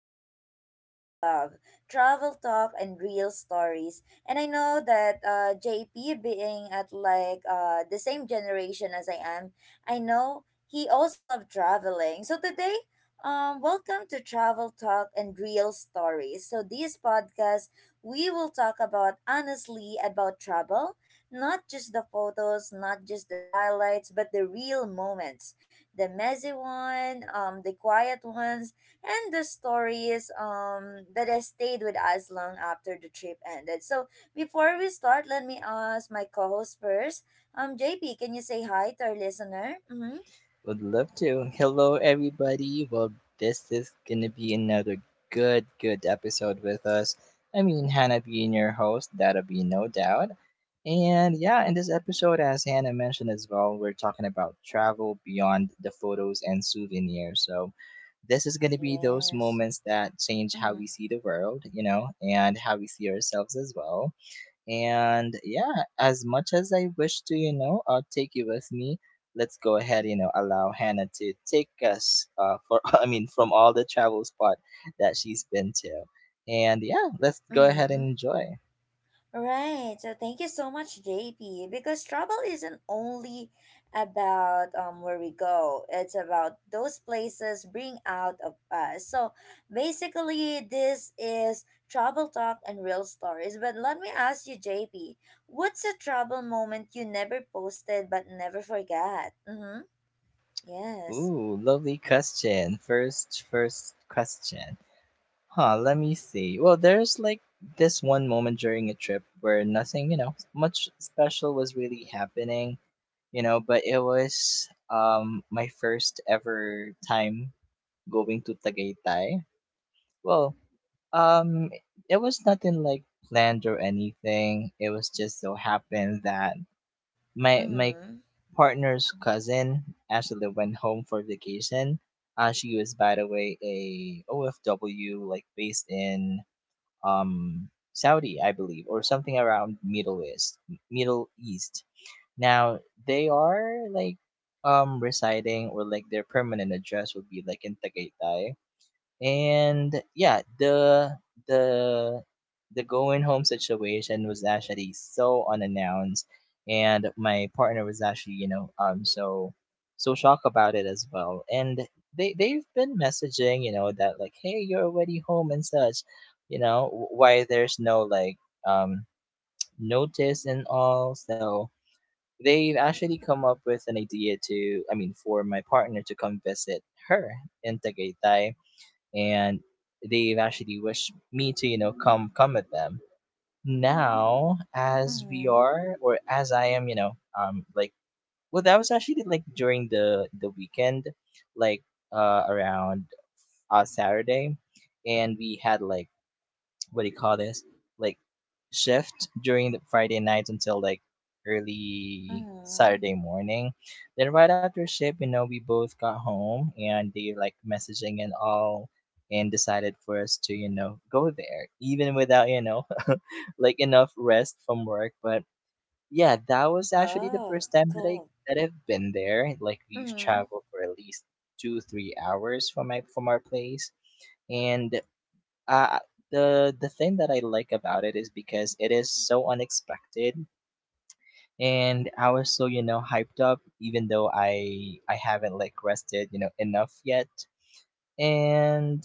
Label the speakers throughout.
Speaker 1: something that I really love, travel talk and real stories. And I know that JP being at the same generation as I am, I know he also loved traveling. So today, welcome to Travel Talk and Real Stories. So this podcast, we will talk about honestly about travel, not just the photos, not just the highlights, but the real moments. The messy one, the quiet ones, and the stories that has stayed with us long after the trip ended. So before we start, let me ask my co-host first. JP, can you say hi to our listener? Mm-hmm.
Speaker 2: Would love to. Hello, everybody. Well, this is gonna be another good episode with us. I mean, Hannah being your host, that'll be no doubt. And yeah, in this episode, as Hannah mentioned as well, we're talking about travel beyond the photos and souvenirs. So, this is gonna be those
Speaker 1: Yes.
Speaker 2: moments that change how we
Speaker 1: Mm-hmm.
Speaker 2: see the world, you know, and how we see ourselves as well. And yeah, as much as I wish to, you know, take you with me, let's go ahead, you know, allow Hannah to take us for, I mean, from all the travel spot that she's been to. And yeah, let's go ahead and
Speaker 1: Mm-hmm.
Speaker 2: enjoy.
Speaker 1: Right. So thank you so much, JP. Because travel isn't only about where we go. It's about those places bring out of us. So basically, this is travel talk and real stories. But let me ask you, JP, what's a travel moment you never posted but never forgot? Mm-hmm. Yes.
Speaker 2: Ooh, lovely question. First question. Huh, let me see. Well, there's like this one moment during a trip where nothing, you know, much special was really happening, you know, but it was my first ever time going to Tagaytay. Well, um, it was nothing like planned or anything. It was just so happened that my
Speaker 1: Mm-hmm.
Speaker 2: partner's cousin actually went home for vacation. She was, by the way, a OFW, like based in Saudi, I believe, or something around Middle East. Middle East. Now they are like residing, or like their permanent address would be like in Tagaytay, and yeah, the the going home situation was actually so unannounced, and my partner was actually, you know, so shocked about it as well, and they've been messaging, you know, that like, hey, you're already home and such, you know, why there's no like um notice and all. So they've actually come up with an idea to, I mean, for my partner to come visit her in Tagaytay. And they've actually wished me to, you know, come with them. Now as we
Speaker 1: Mm-hmm.
Speaker 2: are, or as I am, you know, like, well, that was actually like during the weekend, like, around, Saturday. And we had like, what do you call this, like, shift during the Friday night until like early
Speaker 1: Mm-hmm.
Speaker 2: Saturday morning. Then right after shift, you know, we both got home and they like messaging and all, and decided for us to, you know, go there. Even without, you know, like enough rest from work. But yeah, that was actually the
Speaker 1: Oh,
Speaker 2: first time that
Speaker 1: cool.
Speaker 2: I've been there. Like we've
Speaker 1: Mm-hmm.
Speaker 2: traveled for at least two, three hours from my from our place. And uh, the thing that I like about it is because it is so unexpected, and I was so, you know, hyped up, even though I haven't like rested, you know, enough yet. And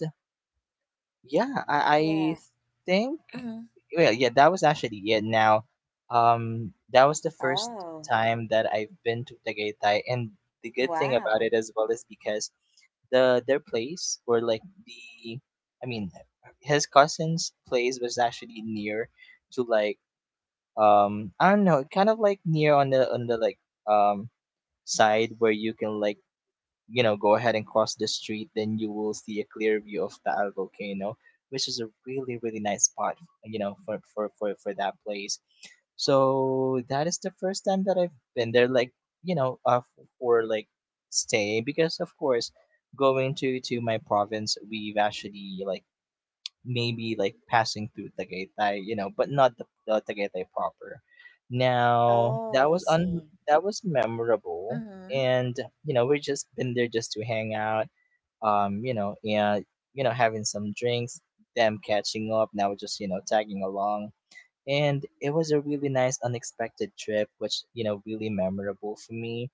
Speaker 2: yeah, I
Speaker 1: Yeah.
Speaker 2: think,
Speaker 1: Mm-hmm.
Speaker 2: well, yeah, that was actually it. Now, that was the first
Speaker 1: Oh.
Speaker 2: time that I've been to Tagaytay, and the good thing about it
Speaker 1: Wow.
Speaker 2: as well is because the their place, where like the, I mean, his cousin's place was actually near to like, I don't know, kind of like near on the like um side, where you can like, you know, go ahead and cross the street, then you will see a clear view of Taal volcano, which is a really nice spot, you know, for that place. So that is the first time that I've been there, like, you know, for like stay. Because of course, going to my province, we've actually like maybe like passing through Tagaytay, you know, but not the Tagaytay proper. Now that
Speaker 1: Oh, I
Speaker 2: was un
Speaker 1: see.
Speaker 2: that was memorable.
Speaker 1: Mm-hmm.
Speaker 2: And you know we just been there just to hang out, you know, and you know having some drinks, them catching up. Now we're just, you know, tagging along, and it was a really nice unexpected trip, which, you know, really memorable for me.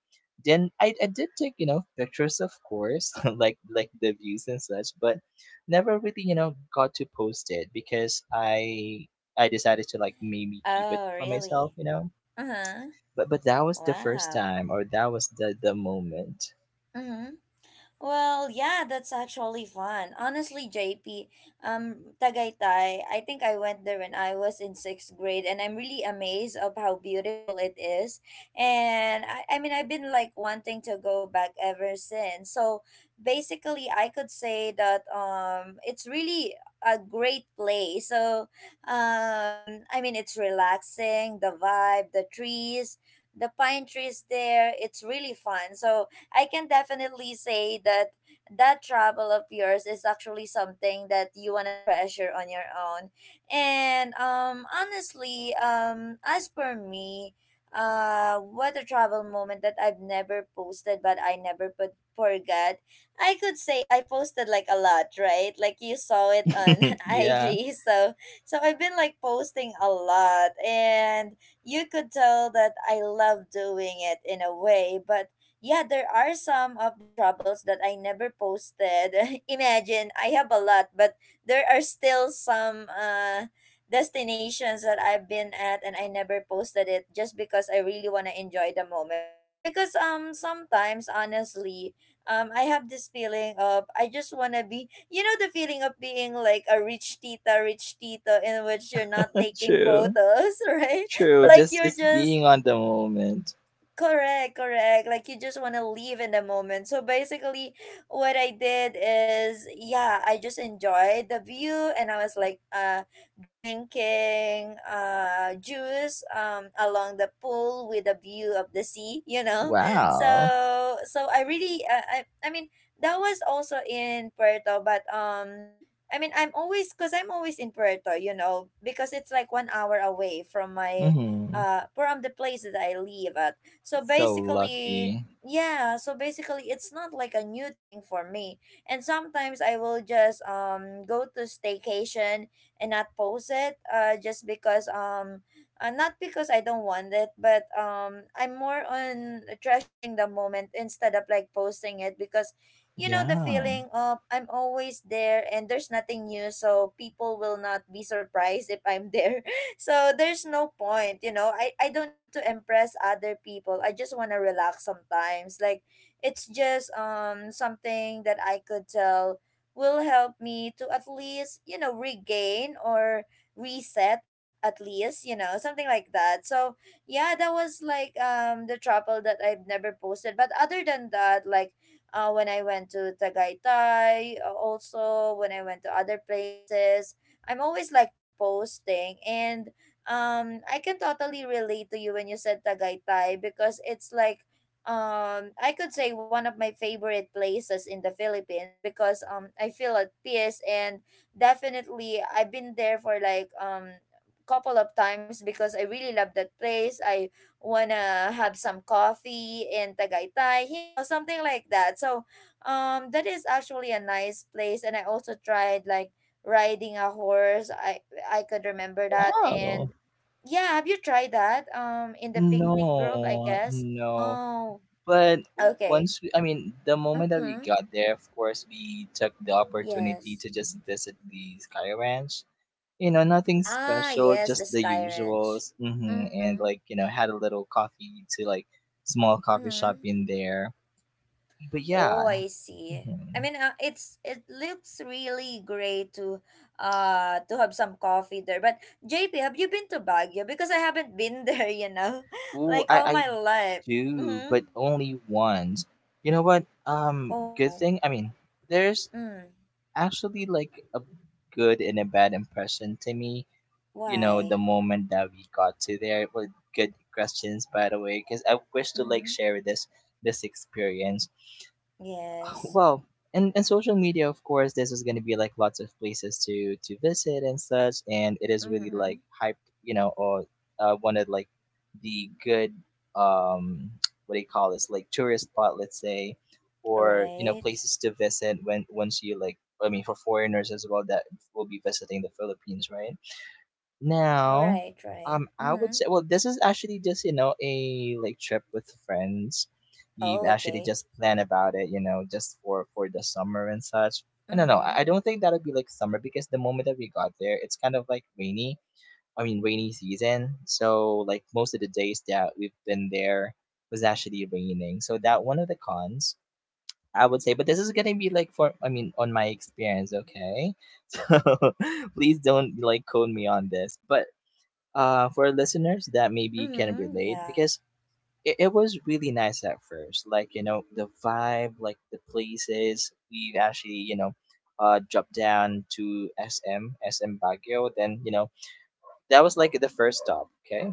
Speaker 2: Then I did take, you know, pictures, of course, like the views and such, but never really, you know, got to post it, because I decided to like maybe keep it
Speaker 1: Oh,
Speaker 2: for myself,
Speaker 1: really?
Speaker 2: you know.
Speaker 1: Uh-huh.
Speaker 2: But that was the first
Speaker 1: Wow.
Speaker 2: time, or that was the moment.
Speaker 1: Mm-hmm. Well, yeah, that's actually fun. Honestly, JP, Tagaytay, I think I went there when I was in sixth grade, and I'm really amazed of how beautiful it is. And I mean, I've been like wanting to go back ever since. So basically, I could say that it's really a great place. So, I mean, it's relaxing, the vibe, the trees, the pine trees there. It's really fun. So I can definitely say that travel of yours is actually something that you want to treasure on your own. And honestly, as per me, what a travel moment that I've never posted but I never put forgot. I could say I posted like a lot, right? Like you saw it on
Speaker 2: Yeah,
Speaker 1: IG. So I've been like posting a lot, and you could tell that I love doing it in a way, but yeah, there are some of the troubles that I never posted. Imagine, I have a lot, but there are still some destinations that I've been at and I never posted it just because I really want to enjoy the moment. Because sometimes honestly, I have this feeling of I just want to be, you know, the feeling of being like a rich tita, rich tito in which you're not taking
Speaker 2: true,
Speaker 1: photos, right?
Speaker 2: true.
Speaker 1: Like
Speaker 2: Just
Speaker 1: you're
Speaker 2: just
Speaker 1: just
Speaker 2: being on the moment.
Speaker 1: correct, correct. Like you just want to live in the moment. So basically, what I did is, yeah, I just enjoyed the view, and I was like, drinking, juice, along the pool with a view of the sea. You know,
Speaker 2: Wow.
Speaker 1: so I really, I mean, that was also in Puerto, but. I mean, I'm always, cause I'm always in Puerto, you know, because it's like 1 hour away from my,
Speaker 2: Hmm.
Speaker 1: from the place that I live at. So
Speaker 2: So
Speaker 1: basically,
Speaker 2: lucky.
Speaker 1: basically it's not like a new thing for me. And sometimes I will just go to staycation and not post it just because not because I don't want it, but I'm more on treasuring the moment instead of like posting it because you know the
Speaker 2: Yeah.
Speaker 1: feeling of I'm always there and there's nothing new, so people will not be surprised if I'm there, so there's no point. You know, i don't need to impress other people, I just want to relax sometimes, like it's just something that I could tell will help me to at least, you know, regain or reset at least you know something like that. So yeah, that was like the trouble that I've never posted. But other than that, like when I went to Tagaytay, also when I went to other places, I'm always like posting. And I can totally relate to you when you said Tagaytay, because it's like I could say one of my favorite places in the Philippines, because I feel at peace. And definitely I've been there for like couple of times because I really love that place. I wanna have some coffee in Tagaytay, you know, something like that. So that is actually a nice place, and I also tried like riding a horse. I could remember that.
Speaker 2: Wow.
Speaker 1: And yeah, have you tried that? In the picnic group, I
Speaker 2: No,
Speaker 1: guess.
Speaker 2: no.
Speaker 1: Oh,
Speaker 2: But
Speaker 1: okay.
Speaker 2: once we, I mean, the moment that
Speaker 1: Mm-hmm.
Speaker 2: we got there, of course, we took the opportunity
Speaker 1: Yes.
Speaker 2: to just visit the Sky Ranch. You know, nothing
Speaker 1: Ah,
Speaker 2: special,
Speaker 1: yes, the
Speaker 2: just the
Speaker 1: Sky Ranch.
Speaker 2: usuals. Hmm. And
Speaker 1: Mm-hmm.
Speaker 2: like, you know, had a little coffee to like small coffee shop
Speaker 1: Mm-hmm.
Speaker 2: in there. But
Speaker 1: Oh,
Speaker 2: yeah.
Speaker 1: I see.
Speaker 2: Hmm.
Speaker 1: I mean, it looks really great to have some coffee there. But JP, have you been to Baguio? Because I haven't been there, you know,
Speaker 2: Ooh,
Speaker 1: like
Speaker 2: I,
Speaker 1: all
Speaker 2: I
Speaker 1: my life.
Speaker 2: do, but
Speaker 1: Mm-hmm.
Speaker 2: only once. You know what? Good
Speaker 1: Oh.
Speaker 2: thing. I mean, there's
Speaker 1: Mm.
Speaker 2: actually like a good and a bad impression to me. You know, the
Speaker 1: Why?
Speaker 2: moment that we got to there it was good questions, by the way, because I wish to like
Speaker 1: Mm-hmm.
Speaker 2: share this experience.
Speaker 1: Yes.
Speaker 2: Well, and social media, of course, this is going to be like lots of places to visit and such, and it is really
Speaker 1: Mm-hmm.
Speaker 2: like hyped, you know, or one of like the good um what do you call this, like tourist spot, let's say, or you know
Speaker 1: Right.
Speaker 2: places to visit when once you like, I mean, for foreigners as well that will be visiting the Philippines, right?
Speaker 1: Oh,
Speaker 2: Now,
Speaker 1: right, right.
Speaker 2: I
Speaker 1: Mm-hmm.
Speaker 2: would say, well, this is actually just, you know, a like trip with friends. We've
Speaker 1: Oh,
Speaker 2: actually
Speaker 1: okay.
Speaker 2: just planned about it, you know, just for the summer and such. And no, no,
Speaker 1: Mm-hmm.
Speaker 2: I don't think that'll be like summer, because the moment that we got there, it's kind of like rainy. I mean, rainy season. So like most of the days that we've been there was actually raining. So that one of the cons, I would say. But this is gonna be like for, I mean, on my experience, okay? So please don't like code me on this. But for listeners that maybe can
Speaker 1: Mm-hmm.
Speaker 2: relate,
Speaker 1: Yeah.
Speaker 2: because it was really nice at first. Like, you know, the vibe, like the places. We actually, you know, dropped down to SM Baguio. Then, you know, that was like the first stop, okay?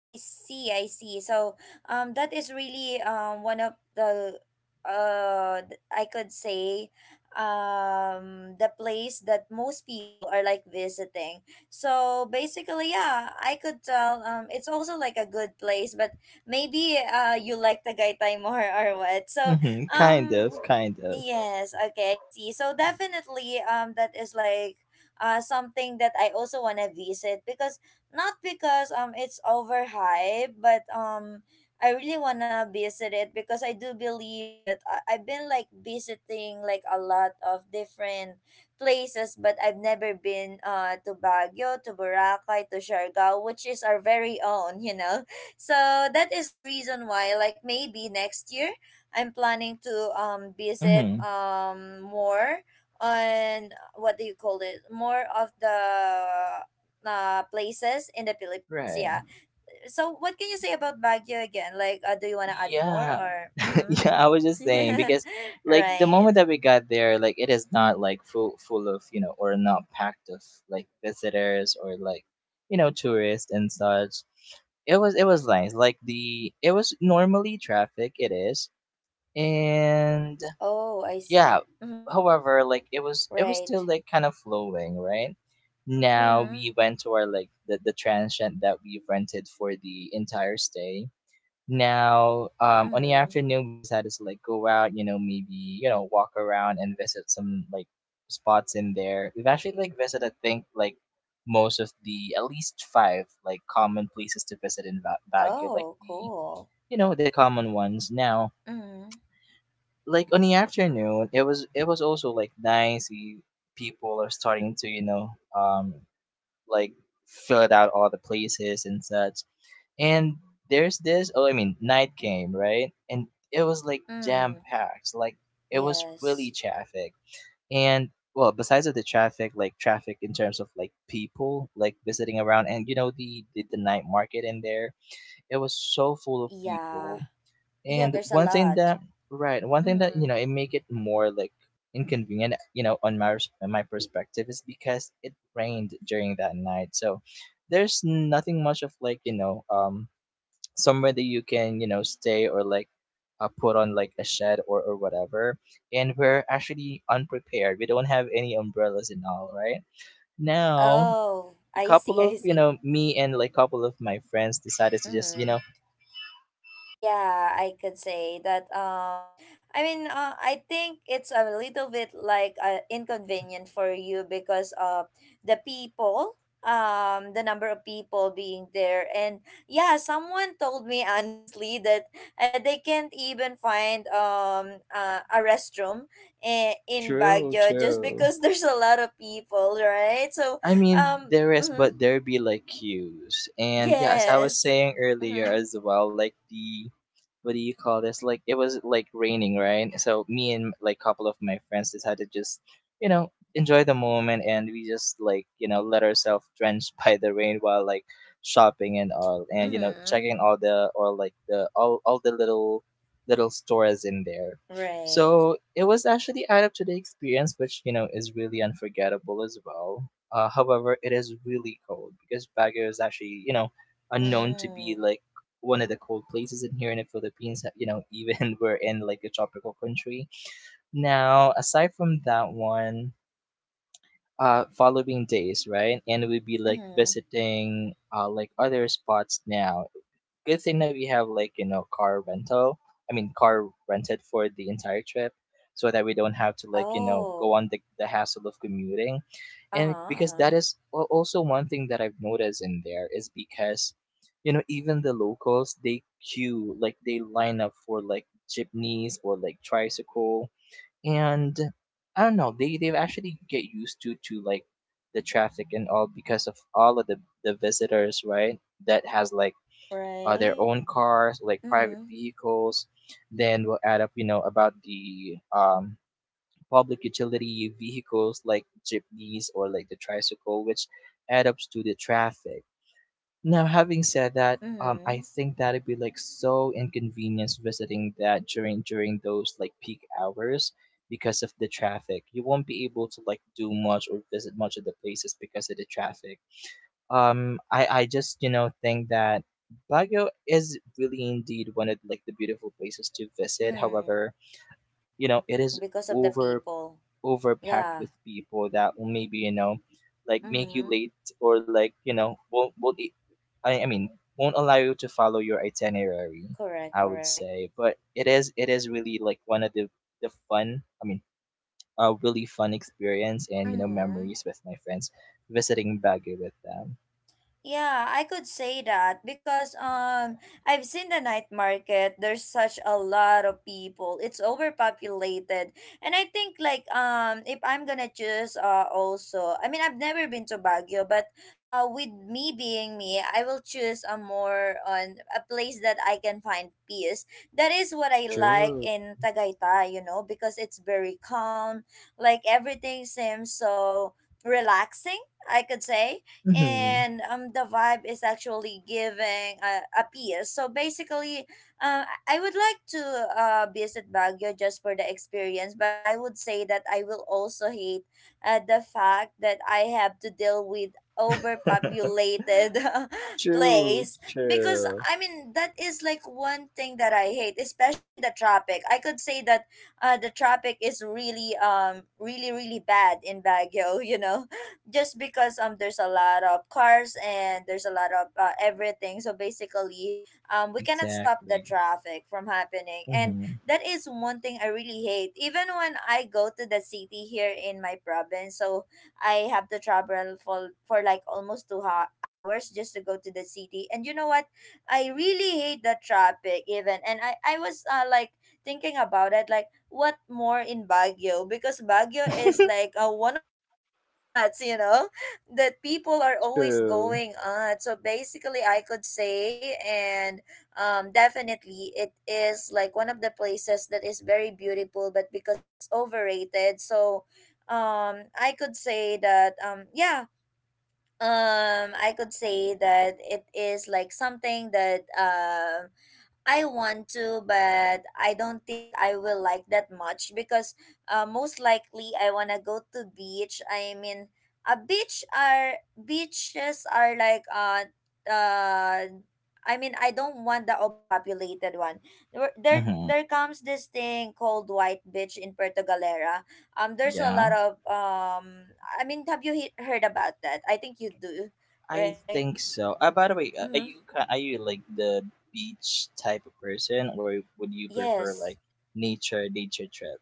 Speaker 1: I see, I see. So, that is really one of the I could say the place that most people are like visiting. So basically, yeah, I could tell it's also like a good place, but maybe you like the Tagaytay more or what. So,
Speaker 2: Mm-hmm,
Speaker 1: um
Speaker 2: kind of, kind of.
Speaker 1: yes, okay, I see. So definitely that is like something that I also want to visit, because not because it's overhyped, but I really wanna visit it because I do believe that I've been like visiting like a lot of different places, but I've never been to Baguio, to Boracay, to Siargao, which is our very own, you know. So that is the reason why, like maybe next year, I'm planning to visit
Speaker 2: Mm-hmm,
Speaker 1: more on, what do you call it, more of the places in the Philippines.
Speaker 2: right.
Speaker 1: Yeah. So what can you say about Baguio again? Like, do you want to add more
Speaker 2: Yeah.
Speaker 1: or?
Speaker 2: Yeah, I was just saying
Speaker 1: Mm-hmm.
Speaker 2: because like the
Speaker 1: Right.
Speaker 2: moment that we got there, like it is not like full of, you know, or not packed of like visitors or like, you know, tourists and such. It was nice. Like the it was normally traffic, it is. And
Speaker 1: Oh, I
Speaker 2: yeah,
Speaker 1: see. Mm-hmm.
Speaker 2: however, like it was
Speaker 1: Right.
Speaker 2: still like kind of flowing, right? Now
Speaker 1: Mm-hmm.
Speaker 2: we went to our like the transient that we rented for the entire stay. Now, on the
Speaker 1: Mm-hmm.
Speaker 2: afternoon, we decided to like go out, you know, maybe, you know, walk around and visit some like spots in there. We've actually like visited, I think, like most of the at least five like common places to visit in Baguio, like
Speaker 1: Oh, cool.
Speaker 2: you know, the common ones. Now,
Speaker 1: Mm-hmm.
Speaker 2: like on the afternoon, it was also like nice. We people are starting to, you know, um, like fill out all the places and such. And there's this, oh, I mean, night came, right? And it was like jam
Speaker 1: Mm.
Speaker 2: packed. Like it was really
Speaker 1: Yes.
Speaker 2: traffic. And well, besides of the traffic, like traffic in terms of like people like visiting around, and you know the night market in there, it was so full of
Speaker 1: Yeah.
Speaker 2: people.
Speaker 1: Yeah,
Speaker 2: And
Speaker 1: there's a
Speaker 2: one thing
Speaker 1: lot.
Speaker 2: that right, one thing that, you
Speaker 1: Mm.
Speaker 2: know, it make it more like inconvenient, you know, on my on my perspective is because it rained during that night. So there's nothing much of like, you know, somewhere that you can, you know, stay or like put on like a shed or whatever. And we're actually unprepared, we don't have any umbrellas and all, right? Now
Speaker 1: Oh,
Speaker 2: a
Speaker 1: I
Speaker 2: couple
Speaker 1: see, I
Speaker 2: of, you
Speaker 1: see.
Speaker 2: know, me and like couple of my friends decided to just, you
Speaker 1: Mm-hmm.
Speaker 2: know,
Speaker 1: Yeah, I could say that. I mean, I think it's a little bit like inconvenient for you because of the people, the number of people being there, and yeah, someone told me honestly that they can't even find a restroom in
Speaker 2: true
Speaker 1: Baguio just
Speaker 2: true.
Speaker 1: because there's a lot of people, right? So,
Speaker 2: I mean,
Speaker 1: um,
Speaker 2: there is,
Speaker 1: mm-hmm,
Speaker 2: but there be like cues. And yeah, as I was
Speaker 1: yes,
Speaker 2: saying earlier
Speaker 1: mm-hmm,
Speaker 2: as well, like the what do you call this? Like it was like raining, right? So me and like couple of my friends decided to just, you know, enjoy the moment, and we just like, you know, let ourselves drenched by the rain while like shopping and all, and you know,
Speaker 1: mm-hmm,
Speaker 2: checking all the or like the all the little stores in there.
Speaker 1: right.
Speaker 2: So it was actually add up to the experience, which, you know, is really unforgettable as well. However, it is really cold because Baguio is actually, you know, unknown to be
Speaker 1: Mm.
Speaker 2: like one of the cold places in here in the Philippines. You know, even we're in like a tropical country. Now, aside from that one, following days, right? And we'll be like
Speaker 1: Mm-hmm.
Speaker 2: visiting like other spots now. Good thing that we have like you know car rental, I mean car rented for the entire trip so that we don't have to like you know go
Speaker 1: Oh.
Speaker 2: on the hassle of commuting.
Speaker 1: Uh-huh.
Speaker 2: And because that
Speaker 1: Uh-huh.
Speaker 2: is also one thing that I've noticed in there is because you know even the locals they queue, like they line up for like jeepneys or like tricycle. And I don't know, they actually get used to like the traffic and all because of all of the visitors, right, that has like their
Speaker 1: Right?
Speaker 2: own cars, like private
Speaker 1: Mm.
Speaker 2: vehicles. Then we'll add up, you know, about the public utility vehicles like jeepneys or like the tricycle, which add up to the traffic. Now, having said that, I
Speaker 1: Mm-hmm.
Speaker 2: think that'd be like so inconvenience visiting that during those like peak hours because of the traffic. You won't be able to like do much or visit much of the places because of the traffic. I just you know think that Baguio is really indeed one of like the beautiful places to visit.
Speaker 1: Mm.
Speaker 2: However, you know it is
Speaker 1: Because of the
Speaker 2: over
Speaker 1: people.
Speaker 2: over packed
Speaker 1: Yeah.
Speaker 2: with people that will maybe you know like make you
Speaker 1: Mm.
Speaker 2: late or like you know won't e- I mean won't allow you to follow your itinerary,
Speaker 1: Correct,
Speaker 2: I would
Speaker 1: correct.
Speaker 2: say. But it is really like one of the a really fun experience and you know
Speaker 1: Mm.
Speaker 2: memories with my friends visiting Baguio with them.
Speaker 1: Yeah, I could say that because I've seen the night market. There's such a lot of people. It's overpopulated. And I think like if I'm gonna choose also, I mean, I've never been to Baguio, but with me being me, I will choose a more on a place that I can find peace. That is what I like
Speaker 2: True.
Speaker 1: in Tagaytay, you know, because it's very calm. Like everything seems so relaxing, I could say,
Speaker 2: Hmm.
Speaker 1: and the vibe is actually giving a peace. So basically I would like to visit Baguio just for the experience, but I would say that I will also hate the fact that I have to deal with overpopulated
Speaker 2: True.
Speaker 1: place. Because
Speaker 2: True.
Speaker 1: I mean that is like one thing that I hate, especially the traffic. I could say that the traffic is really really really bad in Baguio you know, just because there's a lot of cars and there's a lot of everything. So basically we cannot stop the
Speaker 2: Exactly.
Speaker 1: traffic from happening. And
Speaker 2: Hmm.
Speaker 1: that is one thing I really hate even when I go to the city here in my province. So I have to travel for like almost two hours just to go to the city, and you know what, I really hate the traffic even. And i was like thinking about it, like what more in Baguio, because Baguio is like one of the tourist spots, you know, that people are always
Speaker 2: True.
Speaker 1: going on. So basically, I could say, and definitely, it is like one of the places that is very beautiful, but because it's overrated, so I could say that yeah. I could say that it is like something that I want to, but I don't think I will like that much because most likely I wanna go to beach. I mean, a beach are beaches are like uh. I mean, I don't want the overpopulated one.
Speaker 2: Hmm.
Speaker 1: There comes this thing called White Beach in Puerto Galera. There's a
Speaker 2: Yeah,
Speaker 1: lot of I mean, have you heard about that? I think you do,
Speaker 2: I
Speaker 1: right?
Speaker 2: think so. By the way, are
Speaker 1: Mm-hmm.
Speaker 2: you are you like the beach type of person, or would you prefer like
Speaker 1: Yes.
Speaker 2: nature trip?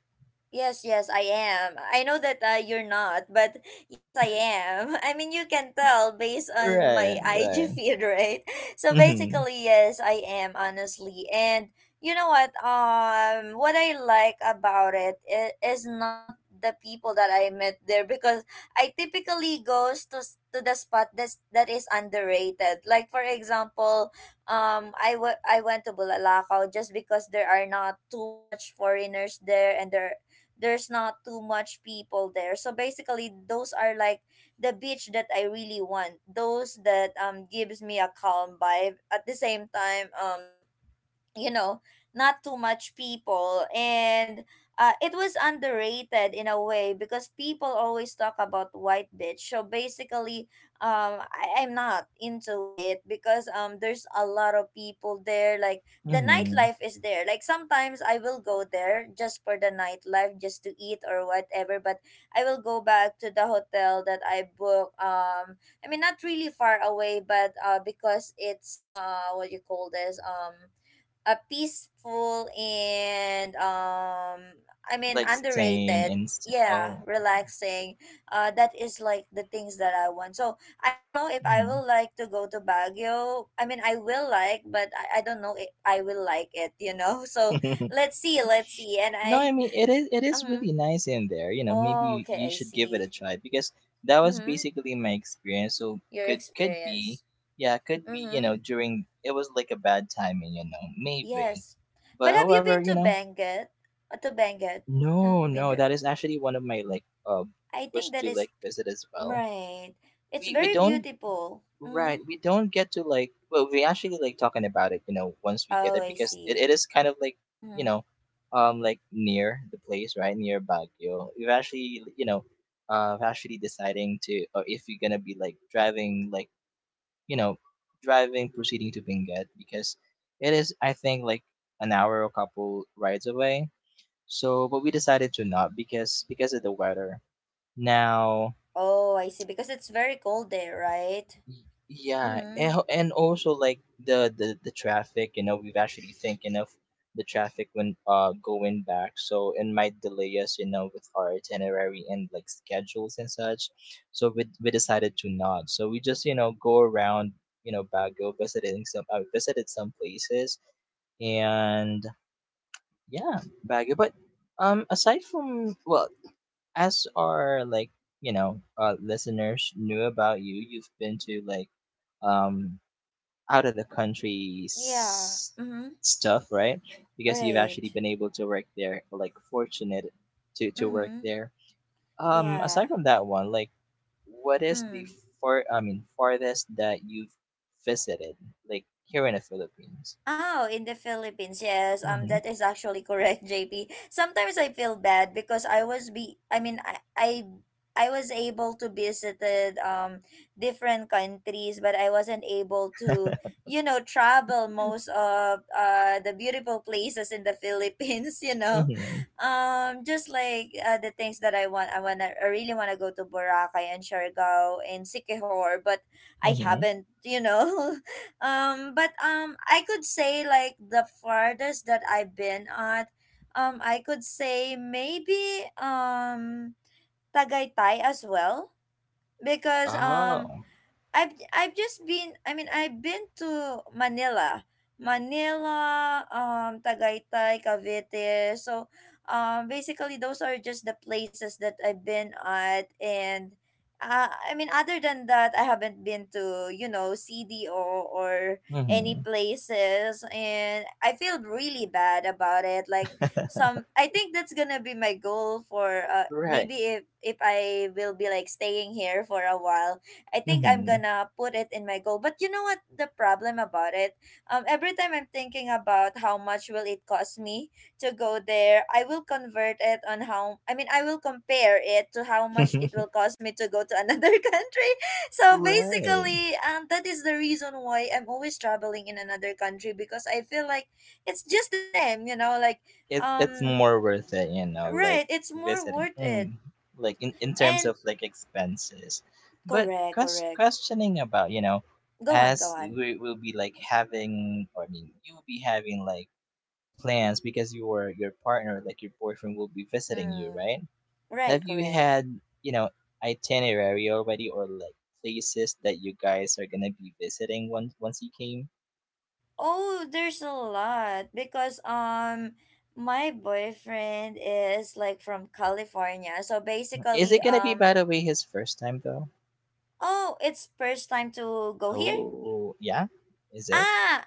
Speaker 1: Yes, yes, I am. I know that you're not, but yes, I am. I mean, you can tell based on my
Speaker 2: Right,
Speaker 1: IG
Speaker 2: right.
Speaker 1: feed, right? So
Speaker 2: Hmm.
Speaker 1: basically, yes, I am, honestly. And you know what? What I like about it is not the people that I met there, because I typically goes to to the spot that is underrated. Like for example, I went to Bulalakaw just because there are not too much foreigners there and there's not too much people there. So basically, those are like the beach that I really want. Those that gives me a calm vibe. At the same time, you know not too much people, and it was underrated in a way because people always talk about White Bitch. So basically, I'm not into it because there's a lot of people there. Like, the
Speaker 2: Hmm.
Speaker 1: nightlife is there. Like, sometimes I will go there just for the nightlife, just to eat or whatever, but I will go back to the hotel that I booked. I mean, not really far away, but because it's what you call this, a peaceful and I mean
Speaker 2: Like staying
Speaker 1: underrated,
Speaker 2: in.
Speaker 1: yeah,
Speaker 2: Oh, okay.
Speaker 1: relaxing. That is like the things that I want. So I don't know if I
Speaker 2: Hmm.
Speaker 1: will like to go to Baguio. I mean, I will like, but I don't know if I will like it. So let's see, let's see. And
Speaker 2: No, I
Speaker 1: I
Speaker 2: mean it is really
Speaker 1: um
Speaker 2: nice in there. You know,
Speaker 1: oh,
Speaker 2: maybe you
Speaker 1: okay, I
Speaker 2: should give it a
Speaker 1: see.
Speaker 2: try because that was
Speaker 1: Mm-hmm.
Speaker 2: basically my experience. So
Speaker 1: Your
Speaker 2: could be,
Speaker 1: experience.
Speaker 2: yeah, could be. You
Speaker 1: Mm-hmm.
Speaker 2: know, during it was like a bad timing, you know, maybe.
Speaker 1: Yes. But
Speaker 2: But
Speaker 1: have you
Speaker 2: however,
Speaker 1: been
Speaker 2: you
Speaker 1: to
Speaker 2: know,
Speaker 1: Benguet? Uh, to Benguet have
Speaker 2: no,
Speaker 1: you been
Speaker 2: no, that
Speaker 1: there?
Speaker 2: is actually one of my like
Speaker 1: I
Speaker 2: wish
Speaker 1: think that
Speaker 2: to
Speaker 1: is.
Speaker 2: like visit as well.
Speaker 1: Right. It's
Speaker 2: We
Speaker 1: very
Speaker 2: don't
Speaker 1: beautiful. Mm-hmm.
Speaker 2: Right, we don't get to like well, we actually like talking about it, you know, once we get there
Speaker 1: Oh, I
Speaker 2: because it,
Speaker 1: see.
Speaker 2: it is kind of like, you
Speaker 1: Mm-hmm.
Speaker 2: know, um, like near the place, right? Near Baguio. We've actually you know, actually deciding to or if we're gonna be like driving like you know, driving proceeding to Benguet because it is I think like an hour or couple rides away. So but we decided to not because of the weather. Now
Speaker 1: Oh, I see. Because it's very cold there, right?
Speaker 2: Yeah,
Speaker 1: Mm-hmm.
Speaker 2: and, and also like the traffic, you know, we've actually thinking of the traffic when going back, so it might delay us, you know, with our itinerary and like schedules and such. So we decided to not. So we just you know go around, you know, Baguio, visiting some visited some places, and yeah, Baguio. But aside from well, as our like you know listeners knew about you've been to like um out of the country
Speaker 1: Yeah. Mm-hmm.
Speaker 2: stuff, right? Because you've
Speaker 1: Right.
Speaker 2: actually been able to work there, like fortunate to work
Speaker 1: Mm-hmm.
Speaker 2: there. Um,
Speaker 1: Yeah.
Speaker 2: aside from that one, like what is the
Speaker 1: Mm.
Speaker 2: farthest that you've visited like here in the Philippines?
Speaker 1: Oh, in the Philippines, yes.
Speaker 2: Mm-hmm.
Speaker 1: That is actually correct, JP. Sometimes I feel bad because I was be, I mean, I was able to visited different countries, but I wasn't able to, you know, travel most of the beautiful places in the Philippines. You know,
Speaker 2: Mm-hmm.
Speaker 1: just like the things that I want, I really wanna go to Boracay and Siargao and Sikihor, but I
Speaker 2: Mm-hmm.
Speaker 1: haven't. You know, but I could say like the farthest that I've been at, I could say maybe Tagaytay as well, because
Speaker 2: Oh.
Speaker 1: I've just been. I mean, I've been to Manila. Manila, Tagaytay, Cavite. So basically, those are just the places that I've been at. And I mean, other than that, I haven't been to, you know, CDO or any
Speaker 2: Mm-hmm.
Speaker 1: places, and I feel really bad about it. Like, some, I think that's gonna be my goal for
Speaker 2: Right.
Speaker 1: maybe if I will be like staying here for a while. I think I'm
Speaker 2: Mm-hmm.
Speaker 1: gonna put it in my goal. But you know what the problem about it? Every time I'm thinking about how much will it cost me to go there, I will convert it on how, I mean, I will compare it to how much it will cost me to go to another country. So
Speaker 2: Right.
Speaker 1: basically, that is the reason why I'm always traveling in another country, because I feel like it's just the same, you know, like
Speaker 2: It's
Speaker 1: um,
Speaker 2: more worth it, you know, like
Speaker 1: right? It's more
Speaker 2: visiting,
Speaker 1: worth it.
Speaker 2: mm, like in terms
Speaker 1: And
Speaker 2: of like expenses. But
Speaker 1: correct, correct.
Speaker 2: questioning about, you know,
Speaker 1: Go on, go
Speaker 2: as
Speaker 1: on.
Speaker 2: we will be like having, or I mean, you'll be having like plans because your partner, like your boyfriend, will be visiting you,
Speaker 1: Mm.
Speaker 2: right? Have
Speaker 1: Right,
Speaker 2: you
Speaker 1: correct.
Speaker 2: had, you know, itinerary already, or like places that you guys are gonna be visiting once he came?
Speaker 1: Oh, there's a lot because my boyfriend is like from California. So
Speaker 2: Is
Speaker 1: basically
Speaker 2: it gonna be, by the way, his first time though?
Speaker 1: oh, it's first time to go here?
Speaker 2: Oh, yeah. Is it?
Speaker 1: Ah,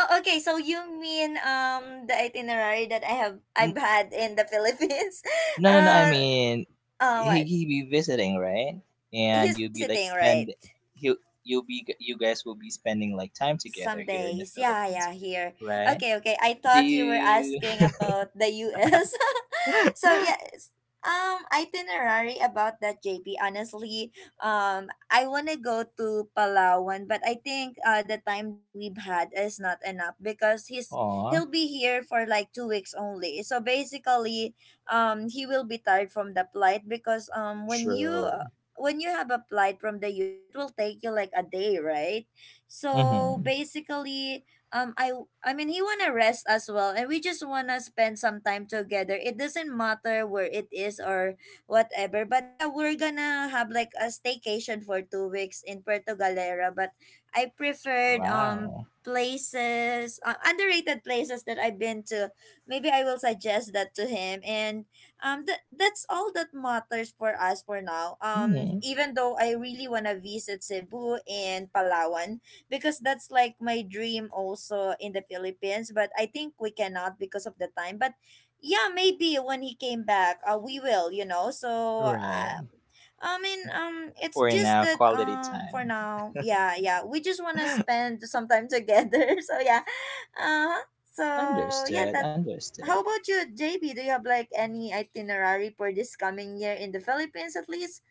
Speaker 1: okay, so you mean the itinerary that
Speaker 2: N
Speaker 1: I've had in the Philippines?
Speaker 2: No, no, no, I
Speaker 1: Uh,
Speaker 2: mean,
Speaker 1: uh, what?
Speaker 2: he be visiting, right? And
Speaker 1: He's
Speaker 2: you'll be like
Speaker 1: visiting, right?
Speaker 2: spend he'll you'll be you guys will be spending like time
Speaker 1: Some
Speaker 2: together here in the
Speaker 1: days. Yeah,
Speaker 2: Philippines,
Speaker 1: yeah, here.
Speaker 2: right?
Speaker 1: Okay, okay. I
Speaker 2: Do
Speaker 1: thought you were
Speaker 2: you
Speaker 1: asking about the US. So yeah, it's- itinerary about that, JP, honestly. I want to go to Palawan, but I think the time that we've had is not enough because he'll
Speaker 2: aw,
Speaker 1: be here for like 2 weeks only. So basically, he will be tired from the flight because
Speaker 2: true.
Speaker 1: when you have applied from the US, it will take you like a day, right? So
Speaker 2: Mm-hmm.
Speaker 1: basically, um i I mean he wanna rest as well, and we just wanna spend some time together. It doesn't matter where it is or whatever, but yeah, we're gonna have like a staycation for 2 weeks in Puerto Galera. But I preferred
Speaker 2: Wow.
Speaker 1: places, underrated places that I've been to. Maybe I will suggest that to him. And that's all that matters for us for now,
Speaker 2: Mm-hmm.
Speaker 1: even though I really want to visit Cebu and Palawan, because that's like my dream also in the Philippines. But I think we cannot because of the time. But yeah, maybe when he came back, we will, you know. So
Speaker 2: Right.
Speaker 1: I mean, it's
Speaker 2: For
Speaker 1: just
Speaker 2: now,
Speaker 1: that
Speaker 2: quality
Speaker 1: for
Speaker 2: time.
Speaker 1: now, yeah, yeah, we just wanna spend some time together. So yeah, uh, so yeah,
Speaker 2: Understood,
Speaker 1: that.
Speaker 2: understood.
Speaker 1: How about you, JB? Do you have like any itinerary for this coming year in the Philippines at least?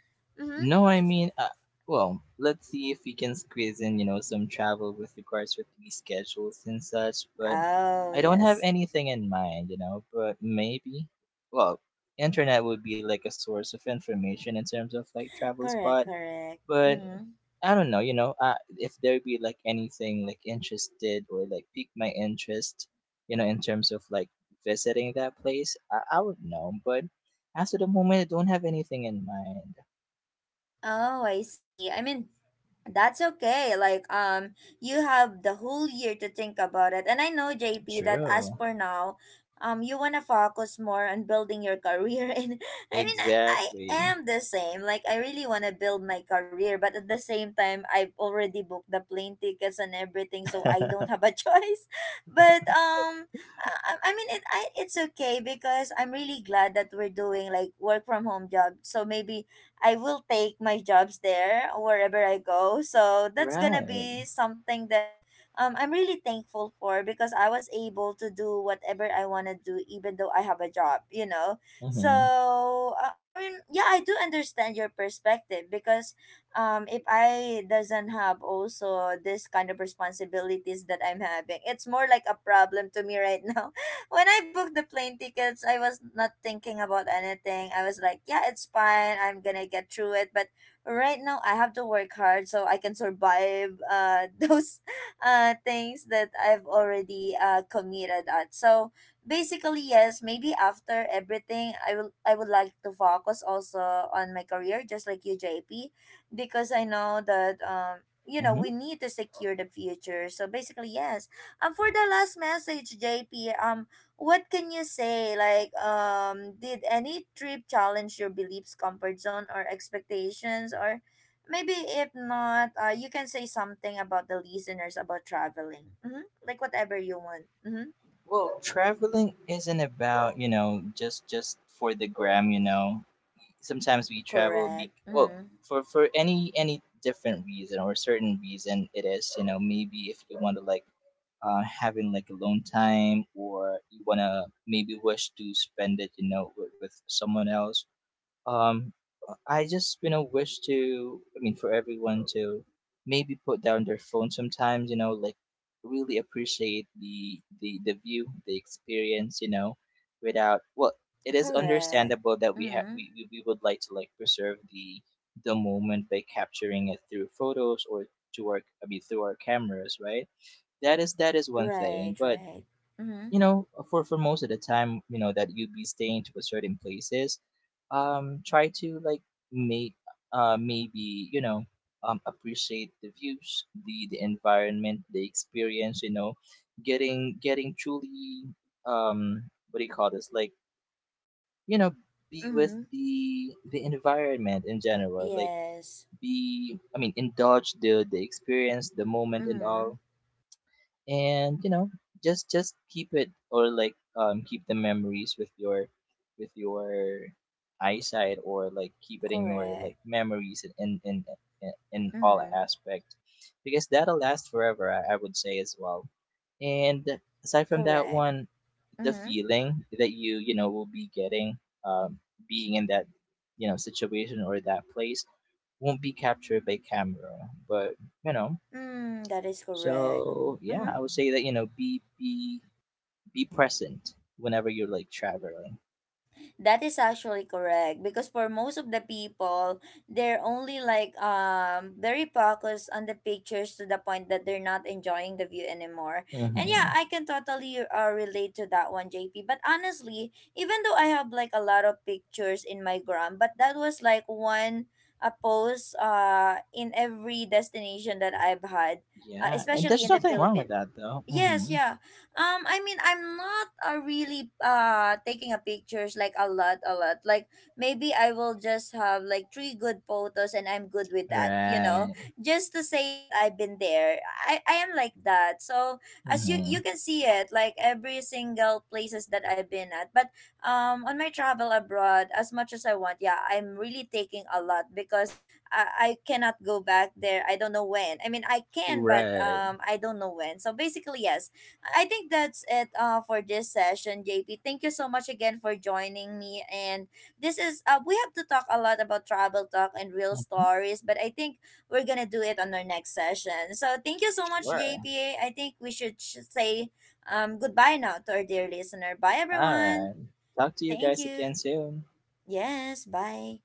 Speaker 1: Mm-hmm.
Speaker 2: No, I mean, well, let's see if we can squeeze in, you know, some travel with regards with the schedules and such. But
Speaker 1: Oh
Speaker 2: I don't have
Speaker 1: yes,
Speaker 2: anything in mind, you know. But maybe, well, internet would be like a source of information in terms of like travel
Speaker 1: correct,
Speaker 2: spot.
Speaker 1: correct.
Speaker 2: But
Speaker 1: Mm-hmm.
Speaker 2: I don't know, you know, if there be like anything like interested or like pique my interest, you know, in terms of like visiting that place, I would know. But as of the moment, I don't have anything in mind.
Speaker 1: Oh, I see. I mean, that's okay. Like, you have the whole year to think about it. And I know, JP, that as
Speaker 2: True.
Speaker 1: for now, you wanna focus more on building your career. And I mean, I
Speaker 2: Exactly.
Speaker 1: am the same. Like, I really wanna build my career, but at the same time, I've already booked the plane tickets and everything, so I don't have a choice. But I mean, it's okay because I'm really glad that we're doing like work from home job. So maybe I will take my jobs there wherever I go. So that's gonna
Speaker 2: Right.
Speaker 1: be something that I'm really thankful for, because I was able to do whatever I want to do, even though I have a job, you know. So,
Speaker 2: Hmm.
Speaker 1: I mean, yeah, I do understand your perspective because if I doesn't have also this kind of responsibilities that I'm having, it's more like a problem to me right now. When I booked the plane tickets, I was not thinking about anything. I was like, yeah, it's fine, I'm gonna get through it. But right now, I have to work hard so I can survive those things that I've already committed at. So basically, yes, maybe after everything, I would like to focus also on my career, just like you, JP, because I know that you know we
Speaker 2: Hmm.
Speaker 1: need to secure the future. So basically, yes, for the last message, JP, what can you say like, did any trip challenge your beliefs, comfort zone, or expectations? Or maybe if not, you can say something about the listeners about traveling. Mm-hmm. Like whatever you want. Mm-hmm.
Speaker 2: Well, traveling isn't about, you know, just for the gram, you know. Sometimes we travel
Speaker 1: Correct.
Speaker 2: be well,
Speaker 1: Mm-hmm.
Speaker 2: for any different reason or certain reason it is, you know, maybe if you want to like having like alone time or you want to maybe wish to spend it, you know, with someone else. Um i just you know wish to I mean for everyone to maybe put down their phone sometimes, you know, like really appreciate the view, the experience, you know, without, well, it is
Speaker 1: Correct.
Speaker 2: understandable that we have
Speaker 1: Mm-hmm.
Speaker 2: we would like to like preserve the moment by capturing it through photos or to our I mean through our cameras, right? That is one
Speaker 1: Right,
Speaker 2: thing, but
Speaker 1: right. Mm-hmm.
Speaker 2: you know, for most of the time, you know, that you'd be staying to a certain places, try to like make maybe, you know, um, appreciate the views, the environment, the experience, you know, getting truly um, what do you call this? Like, you know, be with
Speaker 1: Mm-hmm.
Speaker 2: the environment in general. Like
Speaker 1: Yes.
Speaker 2: be I mean indulge the experience, the moment and
Speaker 1: Mm-hmm.
Speaker 2: all. And you know, just keep it or like keep the memories with your eyesight or like keep it in your like
Speaker 1: Correct.
Speaker 2: memories in all
Speaker 1: Mm-hmm.
Speaker 2: aspect because that'll last forever, I would say as well. And aside from that
Speaker 1: Correct.
Speaker 2: one, the
Speaker 1: Mm-hmm.
Speaker 2: feeling that you know will be getting um being in that you know situation or that place won't be captured by camera, but you know.
Speaker 1: Mm, that is correct.
Speaker 2: So yeah,
Speaker 1: Mm-hmm.
Speaker 2: I would say that you know be present whenever you're like traveling.
Speaker 1: That is actually correct, because for most of the people, they're only like very focused on the pictures to the point that they're not enjoying the view anymore. And yeah,
Speaker 2: Hmm.
Speaker 1: I can totally relate to that one, JP. But honestly, even though I have like a lot of pictures in my gram, but that was like one a post in every destination that I've had.
Speaker 2: Yeah, and
Speaker 1: Especially
Speaker 2: there's
Speaker 1: in the
Speaker 2: nothing wrong with
Speaker 1: Philippines.
Speaker 2: that though.
Speaker 1: Yes,
Speaker 2: Hmm.
Speaker 1: yeah. I mean, I'm not really taking a pictures like a lot, a lot. Like, maybe I will just have like 3 good photos, and I'm good with that. You know,
Speaker 2: Right.
Speaker 1: just to say that I've been there. I am like that. So as you
Speaker 2: Hmm.
Speaker 1: can see it, like every single places that I've been at. But on my travel abroad, as much as I want, yeah, I'm really taking a lot because I cannot go back there. I don't know when. I mean, I can, but
Speaker 2: Right.
Speaker 1: I don't know when. So basically, yes, I think that's it for this session, JP. Thank you so much again for joining me. And this is, we have to talk a lot about travel talk and real
Speaker 2: Hmm.
Speaker 1: stories, but I think we're going to do it on our next session. So thank you so much,
Speaker 2: Sure.
Speaker 1: JP. I think we should say goodbye now to our dear listener. Bye,
Speaker 2: All
Speaker 1: everyone.
Speaker 2: right. Talk to you
Speaker 1: Thank
Speaker 2: guys
Speaker 1: you.
Speaker 2: again soon.
Speaker 1: Yes, bye.